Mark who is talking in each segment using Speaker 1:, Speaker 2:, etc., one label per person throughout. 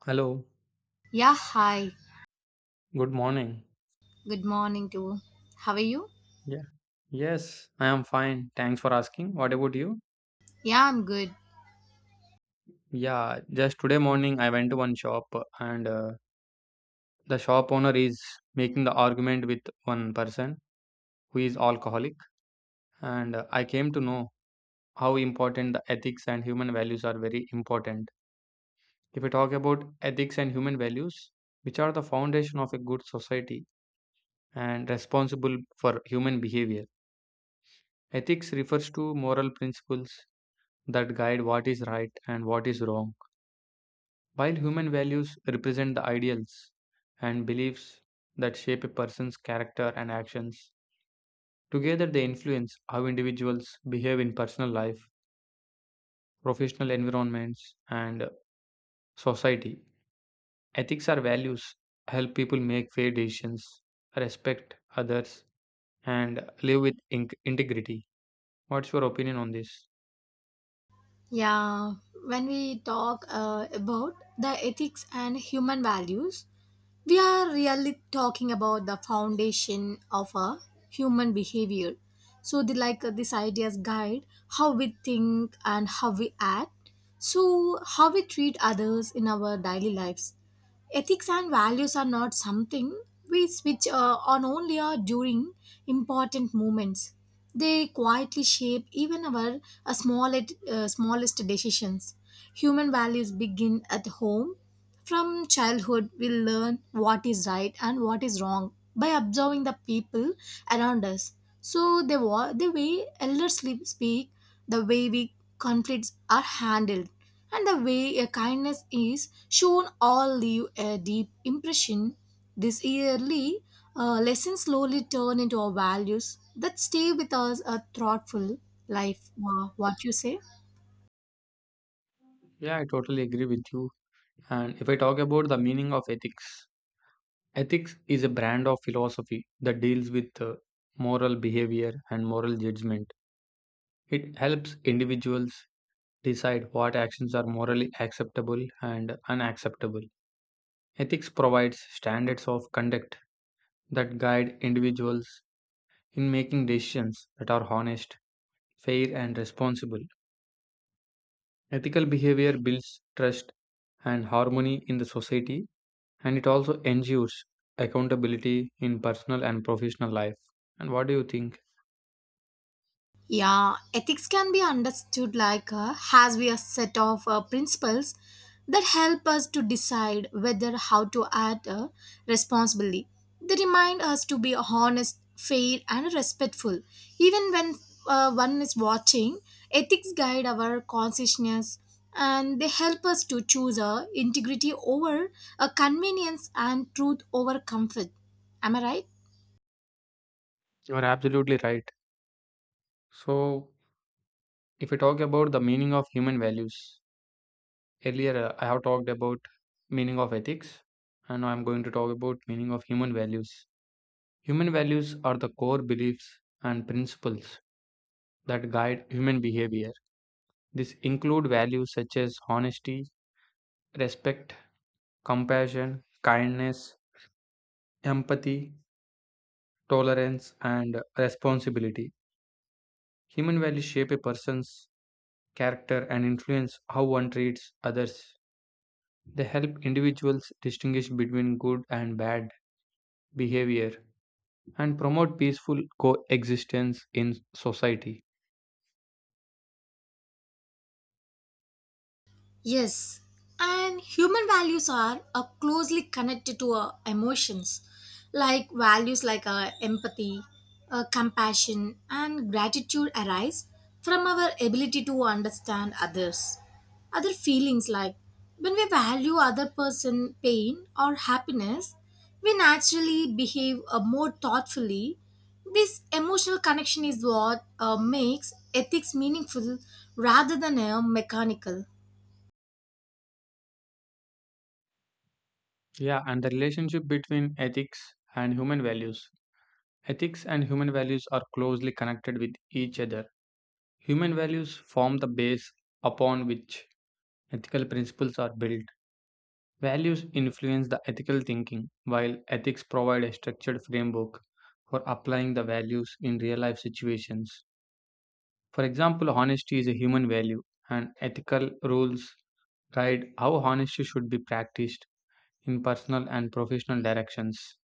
Speaker 1: Hello,
Speaker 2: Yeah, hi.
Speaker 1: good morning.
Speaker 2: Good morning too. How are you?
Speaker 1: Yeah, yes, I am fine. Thanks for asking. What about you?
Speaker 2: Yeah, I'm good.
Speaker 1: Yeah, just today morning I went to one shop and the shop owner is making the argument with one person who is alcoholic and I came to know how important the ethics and human values are very important. If we talk about ethics and human values, which are the foundation of a good society and responsible for human behavior. Ethics refers to moral principles that guide what is right and what is wrong. While human values represent the ideals and beliefs that shape a person's character and actions, together they influence how individuals behave in personal life, professional environments, and society. Ethics or values help people make fair decisions, respect others, and live with integrity. What's your opinion on this?
Speaker 2: Yeah, when we talk about the ethics and human values, we are really talking about the foundation of a human behavior. So, the like these ideas guide how we think and how we act. So, how we treat others in our daily lives. Ethics and values are not something we switch on only or during important moments. They quietly shape even our small, smallest decisions. Human values begin at home. From childhood, we learn what is right and what is wrong by observing the people around us. So, the way elders speak, the way we conflicts are handled, and the way a kindness is shown all leave a deep impression. These yearly lessons slowly turn into our values that stay with us a thoughtful life. Wow, what you say?
Speaker 1: Yeah, I totally agree with you. And if I talk about the meaning of ethics, ethics is a brand of philosophy that deals with moral behavior and moral judgment. It helps individuals decide what actions are morally acceptable and unacceptable. Ethics provides standards of conduct that guide individuals in making decisions that are honest, fair, and responsible. Ethical behavior builds trust and harmony in the society, and it also ensures accountability in personal and professional life. And what do you think?
Speaker 2: Yeah, ethics can be understood like has we a set of principles that help us to decide whether how to act responsibly. They remind us to be honest, fair, and respectful. Even when one is watching, ethics guide our consciousness and they help us to choose integrity over convenience and truth over comfort. Am I right?
Speaker 1: You're absolutely right. So, if we talk about the meaning of human values, earlier I have talked about meaning of ethics, and now I'm going to talk about meaning of human values. Human values are the core beliefs and principles that guide human behavior. These include values such as honesty, respect, compassion, kindness, empathy, tolerance, and responsibility. Human values shape a person's character and influence how one treats others. They help individuals distinguish between good and bad behavior and promote peaceful coexistence in society.
Speaker 2: Yes, and human values are closely connected to our emotions, like values like empathy, compassion, and gratitude arise from our ability to understand others. Other feelings like when we value other person pain or happiness, we naturally behave more thoughtfully. This emotional connection is what makes ethics meaningful rather than mechanical.
Speaker 1: Yeah, and the relationship between ethics and human values. Ethics and human values are closely connected with each other. Human values form the base upon which ethical principles are built. Values influence the ethical thinking, while ethics provide a structured framework for applying the values in real life situations. For example, honesty is a human value, and ethical rules guide how honesty should be practiced in personal and professional directions.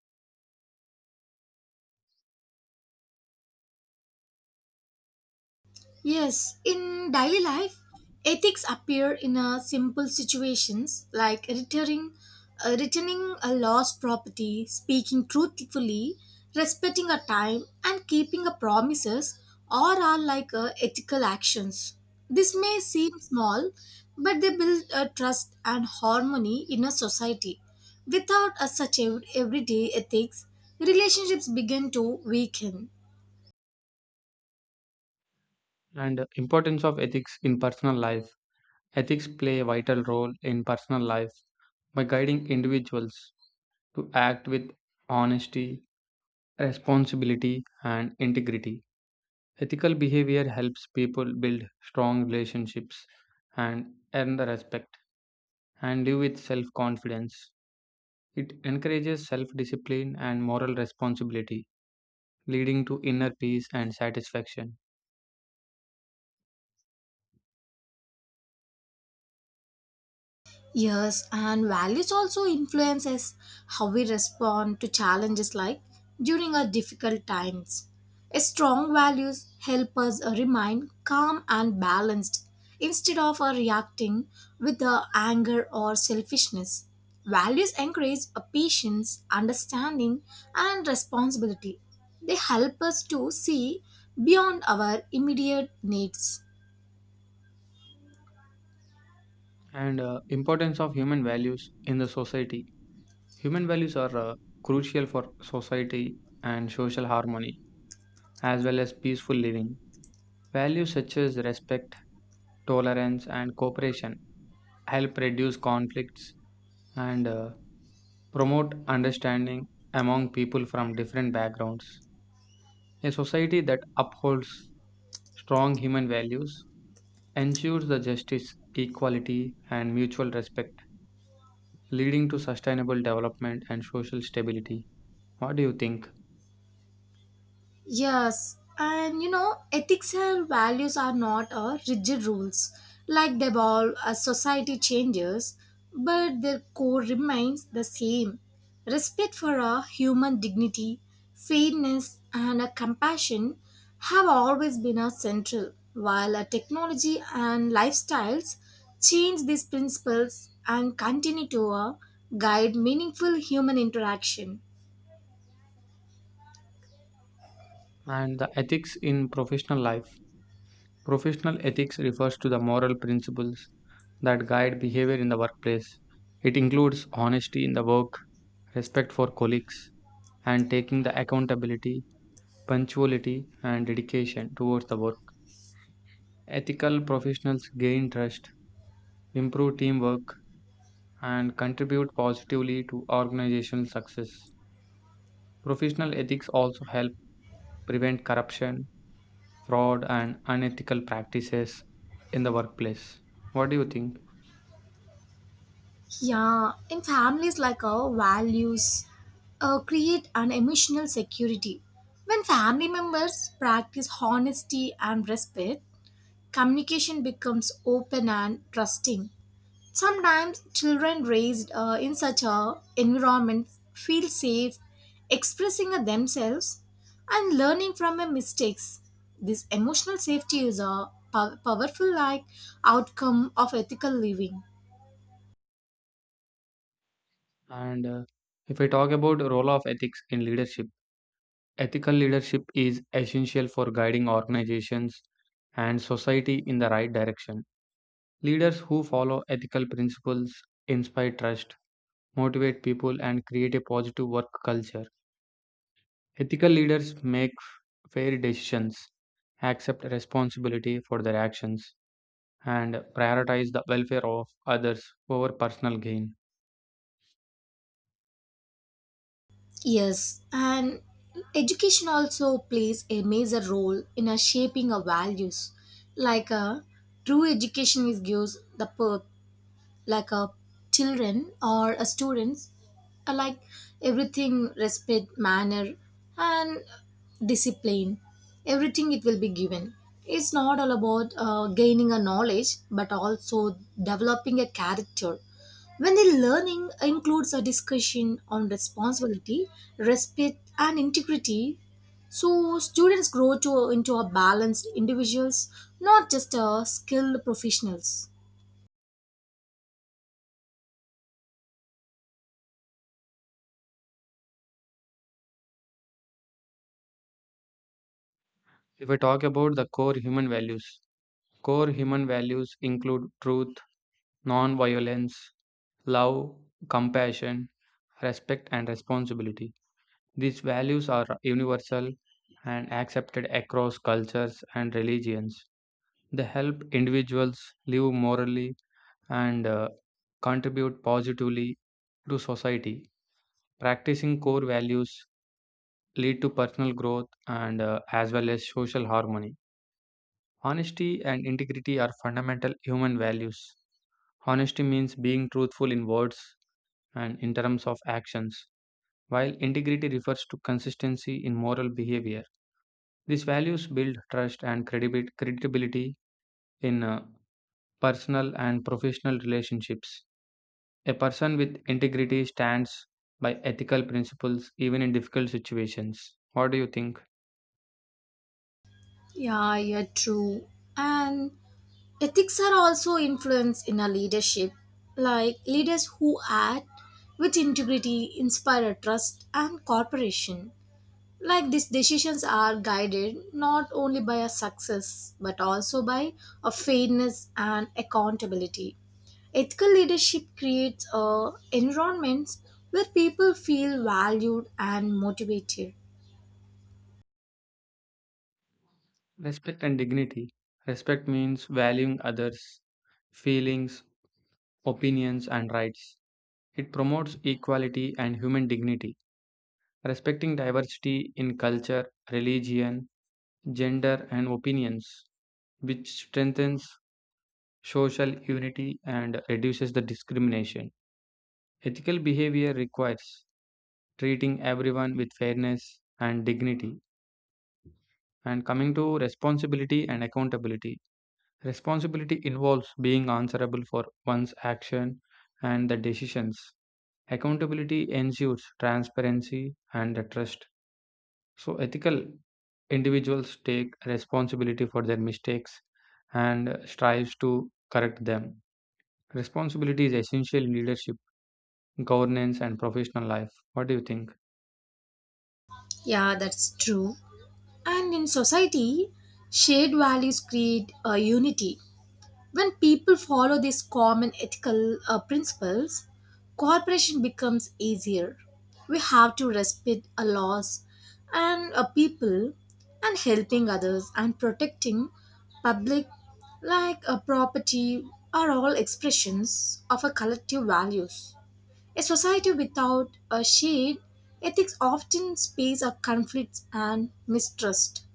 Speaker 2: Yes, in daily life, ethics appear in simple situations like returning a lost property, speaking truthfully, respecting a time, and keeping a promises. All are like ethical actions. This may seem small, but they build a trust and harmony in a society. Without a such everyday ethics, relationships begin to weaken.
Speaker 1: And importance of ethics in personal life. Ethics play a vital role in personal life by guiding individuals to act with honesty, responsibility, and integrity. Ethical behavior helps people build strong relationships and earn the respect and live with self confidence. It encourages self discipline and moral responsibility, leading to inner peace and satisfaction.
Speaker 2: Yes, and values also influences how we respond to challenges like during our difficult times. A strong values help us remain calm and balanced instead of reacting with anger or selfishness. Values encourage a patience, understanding, and responsibility. They help us to see beyond our immediate needs.
Speaker 1: And importance of human values in the society. Human values are crucial for society and social harmony, as well as peaceful living. Values such as respect, tolerance, and cooperation help reduce conflicts and promote understanding among people from different backgrounds. A society that upholds strong human values ensures the justice, equality, and mutual respect, leading to sustainable development and social stability. What do you think?
Speaker 2: Yes, and you know, ethics and values are not a rigid rules. Like they evolve as society changes, but their core remains the same. Respect for a human dignity, fairness, and a compassion have always been a central, while a technology and lifestyles change these principles and continue to guide meaningful human interaction.
Speaker 1: And the ethics in professional life. Professional ethics refers to the moral principles that guide behavior in the workplace. It includes honesty in the work, respect for colleagues, and taking the accountability, punctuality, and dedication towards the work. Ethical professionals gain trust, improve teamwork, and contribute positively to organizational success. Professional ethics also help prevent corruption, fraud, and unethical practices in the workplace. What do you think?
Speaker 2: Yeah, in families like our values create an emotional security. When family members practice honesty and respect, communication becomes open and trusting. Sometimes children raised in such a environment feel safe expressing themselves and learning from their mistakes. This emotional safety is a powerful like outcome of ethical living.
Speaker 1: And if I talk about role of ethics in leadership, ethical leadership is essential for guiding organizations and society in the right direction. Leaders who follow ethical principles inspire trust, motivate people, and create a positive work culture. Ethical leaders make fair decisions, accept responsibility for their actions, and prioritize the welfare of others over personal gain.
Speaker 2: Yes, and education also plays a major role in a shaping our values. Like a true education is gives the like a children or a students like everything respect manner and discipline everything it will be given. It's not all about gaining a knowledge but also developing a character when the learning includes a discussion on responsibility, respect, and integrity, so students grow to into a balanced individuals, not just a skilled professionals.
Speaker 1: If we talk about the core human values include truth, non violence, love, compassion, respect, and responsibility. These values are universal and accepted across cultures and religions. They help individuals live morally and contribute positively to society. Practicing core values lead to personal growth and as well as social harmony. Honesty and integrity are fundamental human values. Honesty means being truthful in words and in terms of actions, while integrity refers to consistency in moral behavior. These values build trust and credibility in personal and professional relationships. A person with integrity stands by ethical principles even in difficult situations. What do you think?
Speaker 2: Yeah, yeah, true. And ethics are also influenced in a leadership. Like leaders who act with integrity inspire trust and cooperation. Like these decisions are guided not only by a success but also by a fairness and accountability. Ethical leadership creates environments where people feel valued and motivated.
Speaker 1: Respect and dignity. Respect means valuing others' feelings, opinions, and rights. It promotes equality and human dignity. Respecting diversity in culture, religion, gender, and opinions, which strengthens social unity and reduces the discrimination. Ethical behavior requires treating everyone with fairness and dignity. And coming to responsibility and accountability, responsibility involves being answerable for one's action and the decisions. Accountability ensures transparency and the trust. So, ethical individuals take responsibility for their mistakes and strives to correct them. Responsibility is essential in leadership, governance, and professional life. What do you think?
Speaker 2: Yeah, that's true. And in society, shared values create a unity. When people follow these common ethical principles, cooperation becomes easier. We have to respect a laws and a people and helping others and protecting public like a property are all expressions of a collective values. A society without a shared ethics often space of conflicts and mistrust.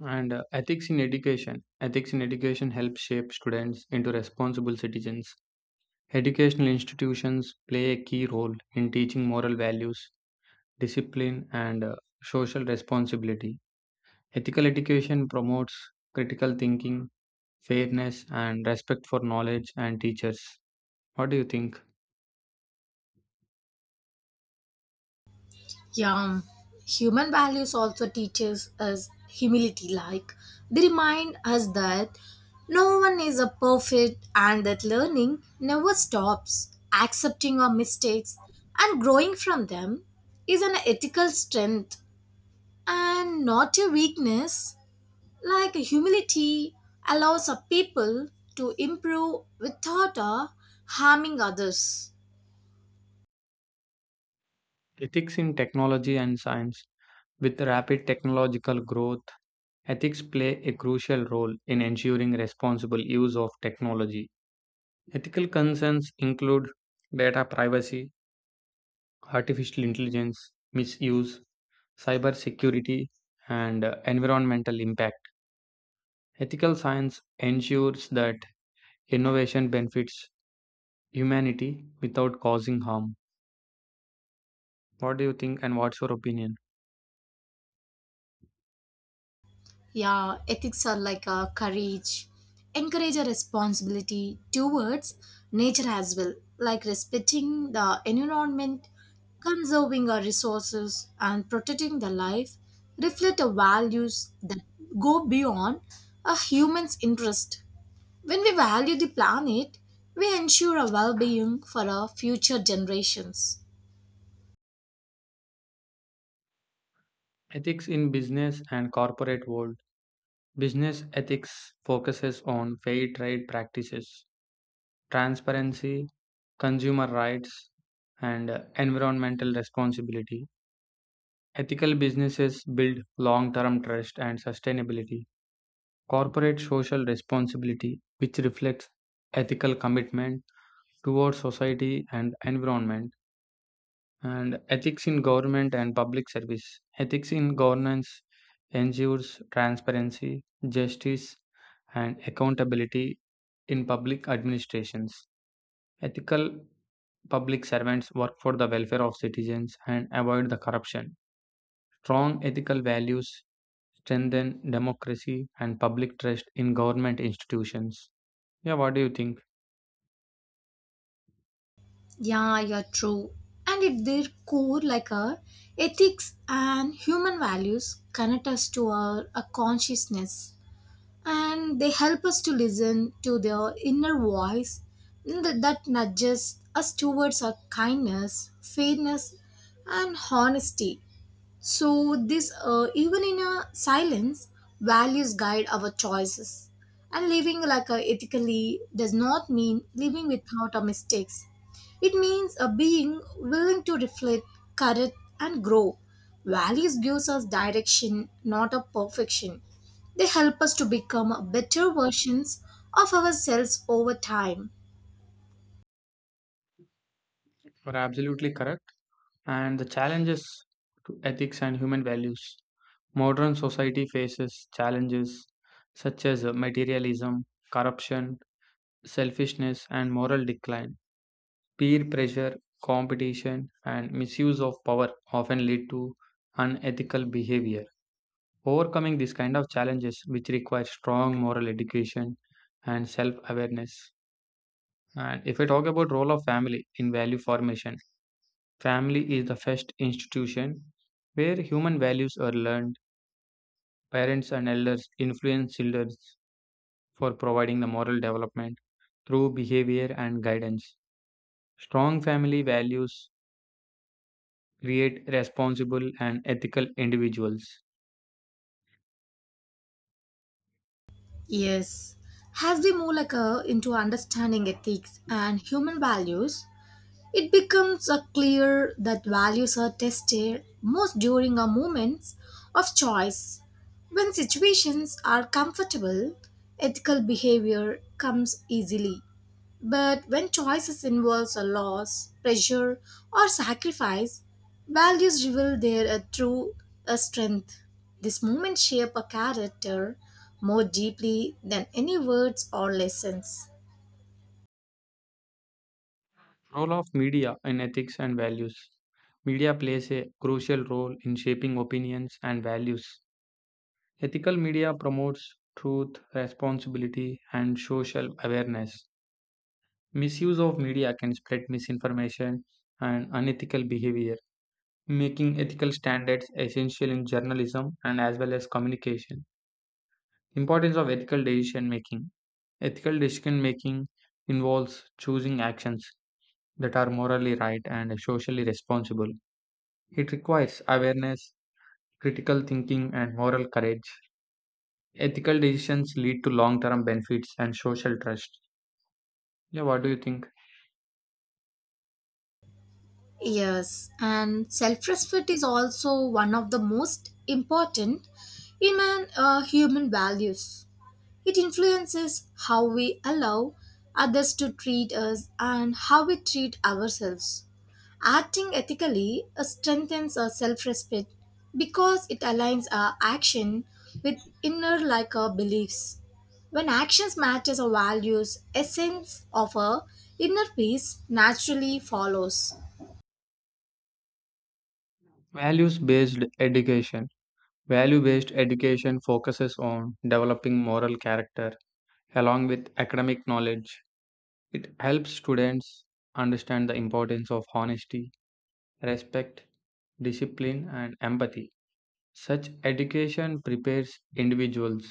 Speaker 1: And ethics in education. Ethics in education helps shape students into responsible citizens. Educational institutions play a key role in teaching moral values, discipline, and social responsibility. Ethical education promotes critical thinking, fairness, and respect for knowledge and teachers. What do you think?
Speaker 2: Yeah, human values also teaches us humility. Like they remind us that no one is a perfect and that learning never stops. Accepting our mistakes and growing from them is an ethical strength and not a weakness. Like humility allows a people to improve without harming others.
Speaker 1: Ethics in technology and science. With rapid technological growth, ethics play a crucial role in ensuring responsible use of technology. Ethical concerns include data privacy, artificial intelligence, misuse, cyber security, and environmental impact. Ethical science ensures that innovation benefits humanity without causing harm. What do you think and what's your opinion?
Speaker 2: Yeah, ethics are like a courage, encourage a responsibility towards nature as well, like respecting the environment, conserving our resources, and protecting the life. Reflect the values that go beyond a human's interest. When we value the planet, we ensure a well-being for our future generations.
Speaker 1: Ethics in business and corporate world. Business ethics focuses on fair trade practices, transparency, consumer rights, and environmental responsibility. Ethical businesses build long term trust and sustainability. Corporate social responsibility, which reflects ethical commitment towards society and environment, and ethics in government and public service. Ethics in governance ensures transparency, justice, and accountability in public administrations. Ethical public servants work for the welfare of citizens and avoid the corruption. Strong ethical values strengthen democracy and public trust in government institutions. Yeah, what do you think?
Speaker 2: Yeah, you're true. And if their core, like our ethics and human values connect us to our a consciousness, and they help us to listen to their inner voice that nudges us towards our kindness, fairness, and honesty. So, this even in a silence, values guide our choices. And living like a ethically does not mean living without our mistakes. It means a being willing to reflect, correct, and grow. Values gives us direction, not a perfection. They help us to become better versions of ourselves over time.
Speaker 1: You're absolutely correct. And the challenges to ethics and human values. Modern society faces challenges such as materialism, corruption, selfishness, and moral decline. Peer pressure, competition, and misuse of power often lead to unethical behavior. Overcoming these kind of challenges, which require strong moral education and self awareness. And if I talk about role of family in value formation, family is the first institution where human values are learned. Parents and elders influence children for providing the moral development through behavior and guidance. Strong family values create responsible and ethical individuals.
Speaker 2: Yes. As we move like a, into understanding ethics and human values, it becomes clear that values are tested most during our moments of choice. When situations are comfortable, ethical behavior comes easily. But when choices involves a loss, pressure, or sacrifice, values reveal their true strength. This moment shape a character more deeply than any words or lessons.
Speaker 1: Role of media in ethics and values. Media plays a crucial role in shaping opinions and values. Ethical media promotes truth, responsibility, and social awareness. Misuse of media can spread misinformation and unethical behavior, making ethical standards essential in journalism and as well as communication. Importance of ethical decision making. Ethical decision making involves choosing actions that are morally right and socially responsible. It requires awareness, critical thinking, and moral courage. Ethical decisions lead to long term benefits and social trust. Yeah, what do you think?
Speaker 2: Yes, and self respect is also one of the most important in an, human values. It influences how we allow others to treat us and how we treat ourselves. Acting ethically strengthens our self respect because it aligns our action with inner like our beliefs. When actions matches our values, essence of our inner peace naturally follows.
Speaker 1: Values based education. Value based education focuses on developing moral character along with academic knowledge. It helps students understand the importance of honesty, respect, discipline, and empathy. Such education prepares individuals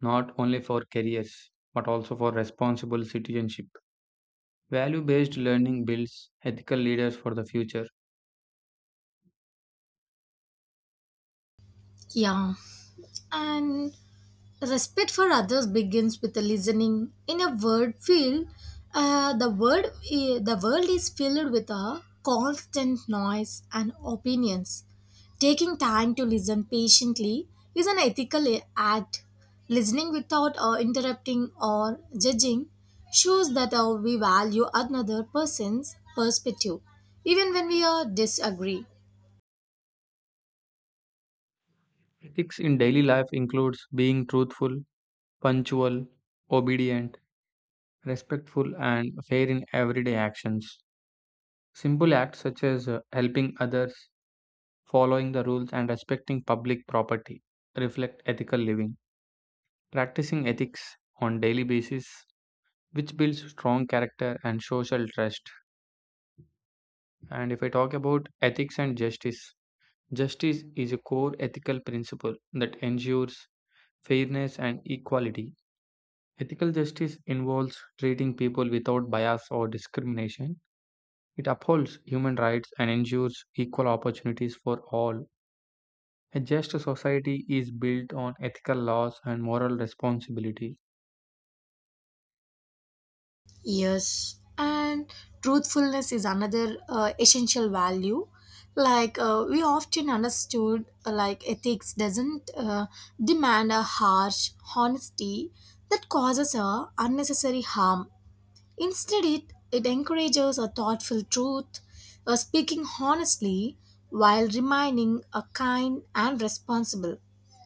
Speaker 1: not only for careers but also for responsible citizenship. Value based learning builds ethical leaders for the future.
Speaker 2: Yeah, and respect for others begins with the listening. In a word field, uh, the word the world is filled with a constant noise and opinions. Taking time to listen patiently is an ethical act. Listening without interrupting or judging shows that we value another person's perspective, even when we disagree.
Speaker 1: Ethics in daily life includes being truthful, punctual, obedient, respectful, and fair in everyday actions. Simple acts such as helping others, following the rules, and respecting public property reflect ethical living. Practicing ethics on daily basis which builds strong character and social trust. And if I talk about ethics and justice, justice is a core ethical principle that ensures fairness and equality. Ethical justice involves treating people without bias or discrimination. It upholds human rights and ensures equal opportunities for all. A just society is built on ethical laws and moral responsibility.
Speaker 2: Yes, and truthfulness is another essential value. Like we often understood, like ethics doesn't demand a harsh honesty that causes a unnecessary harm. Instead, it encourages a thoughtful truth, speaking honestly while remaining a kind and responsible.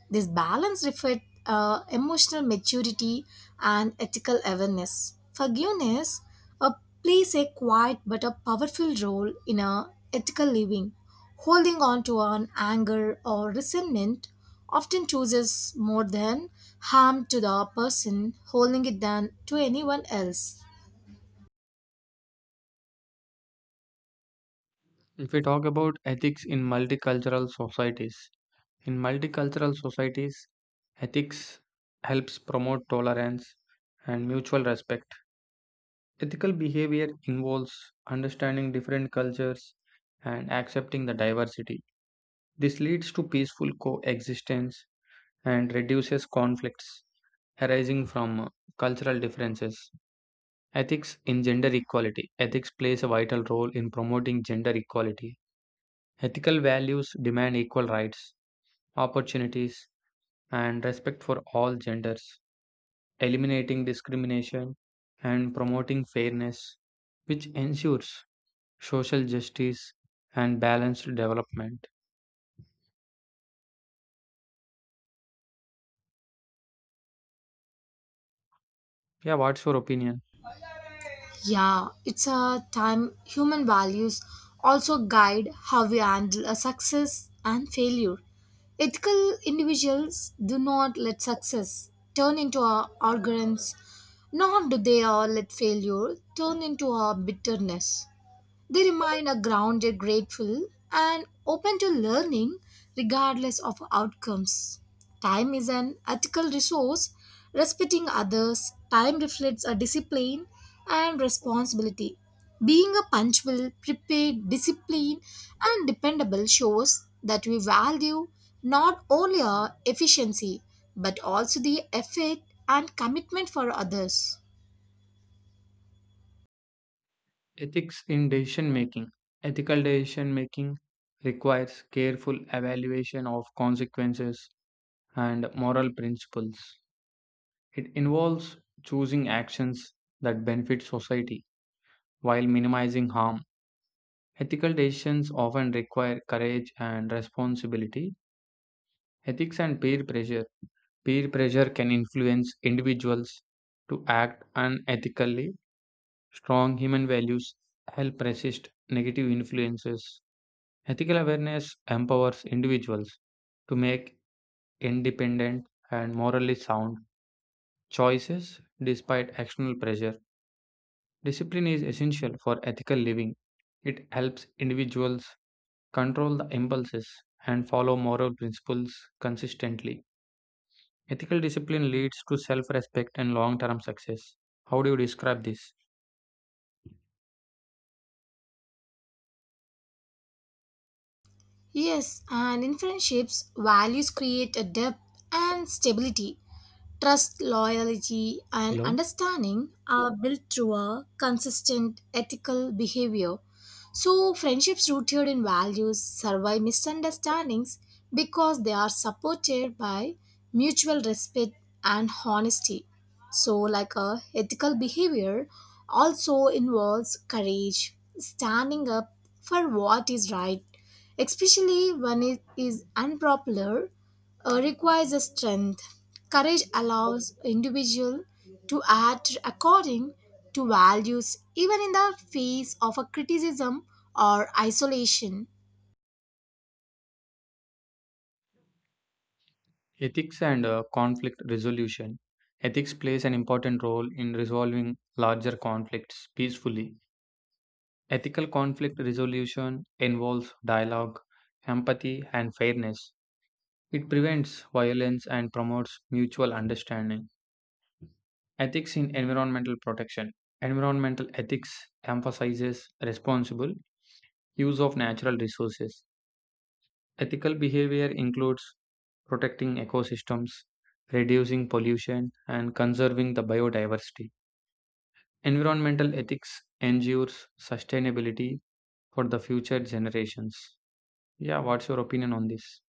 Speaker 2: This balance reflects emotional maturity and ethical awareness. Forgiveness uh, plays a quiet but a powerful role in a ethical living. Holding on to an anger or resentment often chooses more than harm to the person holding it than to anyone else.
Speaker 1: If we talk about ethics in multicultural societies, ethics helps promote tolerance and mutual respect. Ethical behavior involves understanding different cultures and accepting the diversity. This leads to peaceful coexistence and reduces conflicts arising from cultural differences. Ethics in gender equality. Ethics plays a vital role in promoting gender equality. Ethical values demand equal rights, opportunities, and respect for all genders, eliminating discrimination and promoting fairness, which ensures social justice and balanced development. Yeah, what's your opinion?
Speaker 2: Yeah, it's a time human values also guide how we handle a success and failure. Ethical individuals do not let success turn into our arrogance, nor do they let failure turn into our bitterness. They remain a grounded, grateful, and open to learning regardless of outcomes. Time is an ethical resource. Respecting others, time reflects a discipline and responsibility. Being a punctual, prepared, disciplined, and dependable shows that we value not only our efficiency but also the effort and commitment for others.
Speaker 1: Ethics in decision making. Ethical decision making requires careful evaluation of consequences and moral principles. It involves choosing actions that benefit society while minimizing harm. Ethical decisions often require courage and responsibility. Ethics and peer pressure. Peer pressure can influence individuals to act unethically. Strong human values help resist negative influences. Ethical awareness empowers individuals to make independent and morally sound choices despite external pressure. Discipline is essential for ethical living. It helps individuals control the impulses and follow moral principles consistently. Ethical discipline leads to self respect and long term success. How do you describe this?
Speaker 2: Yes, and in friendships, values create a depth and stability. Trust, loyalty, and
Speaker 1: Hello?
Speaker 2: understanding are built through a consistent ethical behavior. So, friendships rooted in values survive misunderstandings because they are supported by mutual respect and honesty. So, like a ethical behavior also involves courage, standing up for what is right especially when it is unpopular, requires a strength. Courage allows individual to act according to values even in the face of a criticism or isolation.
Speaker 1: Ethics and conflict resolution. Ethics plays an important role in resolving larger conflicts peacefully. Ethical conflict resolution involves dialogue, empathy, and fairness. It prevents violence and promotes mutual understanding. Ethics in environmental protection. Environmental ethics emphasizes responsible use of natural resources. Ethical behavior includes protecting ecosystems, reducing pollution, and conserving the biodiversity. Environmental ethics ensures sustainability for the future generations. Yeah, what's your opinion on this?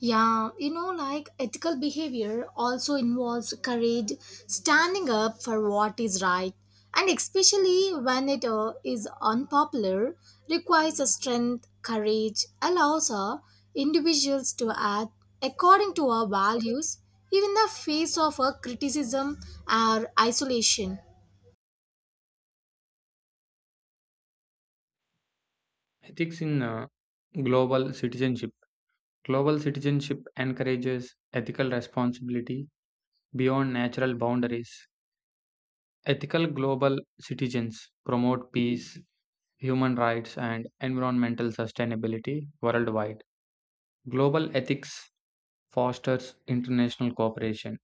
Speaker 2: Yeah, you know, like ethical behavior also involves courage, standing up for what is right, and especially when it is unpopular, requires a strength, courage, allows individuals to act according to our values, even in the face of a criticism or isolation.
Speaker 1: Ethics in global citizenship. Global citizenship encourages ethical responsibility beyond natural boundaries. Ethical global citizens promote peace, human rights, and environmental sustainability worldwide. Global ethics fosters international cooperation.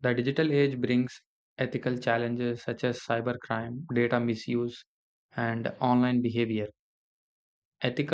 Speaker 1: The digital age brings ethical challenges such as cybercrime, data misuse, and online behavior. Ethical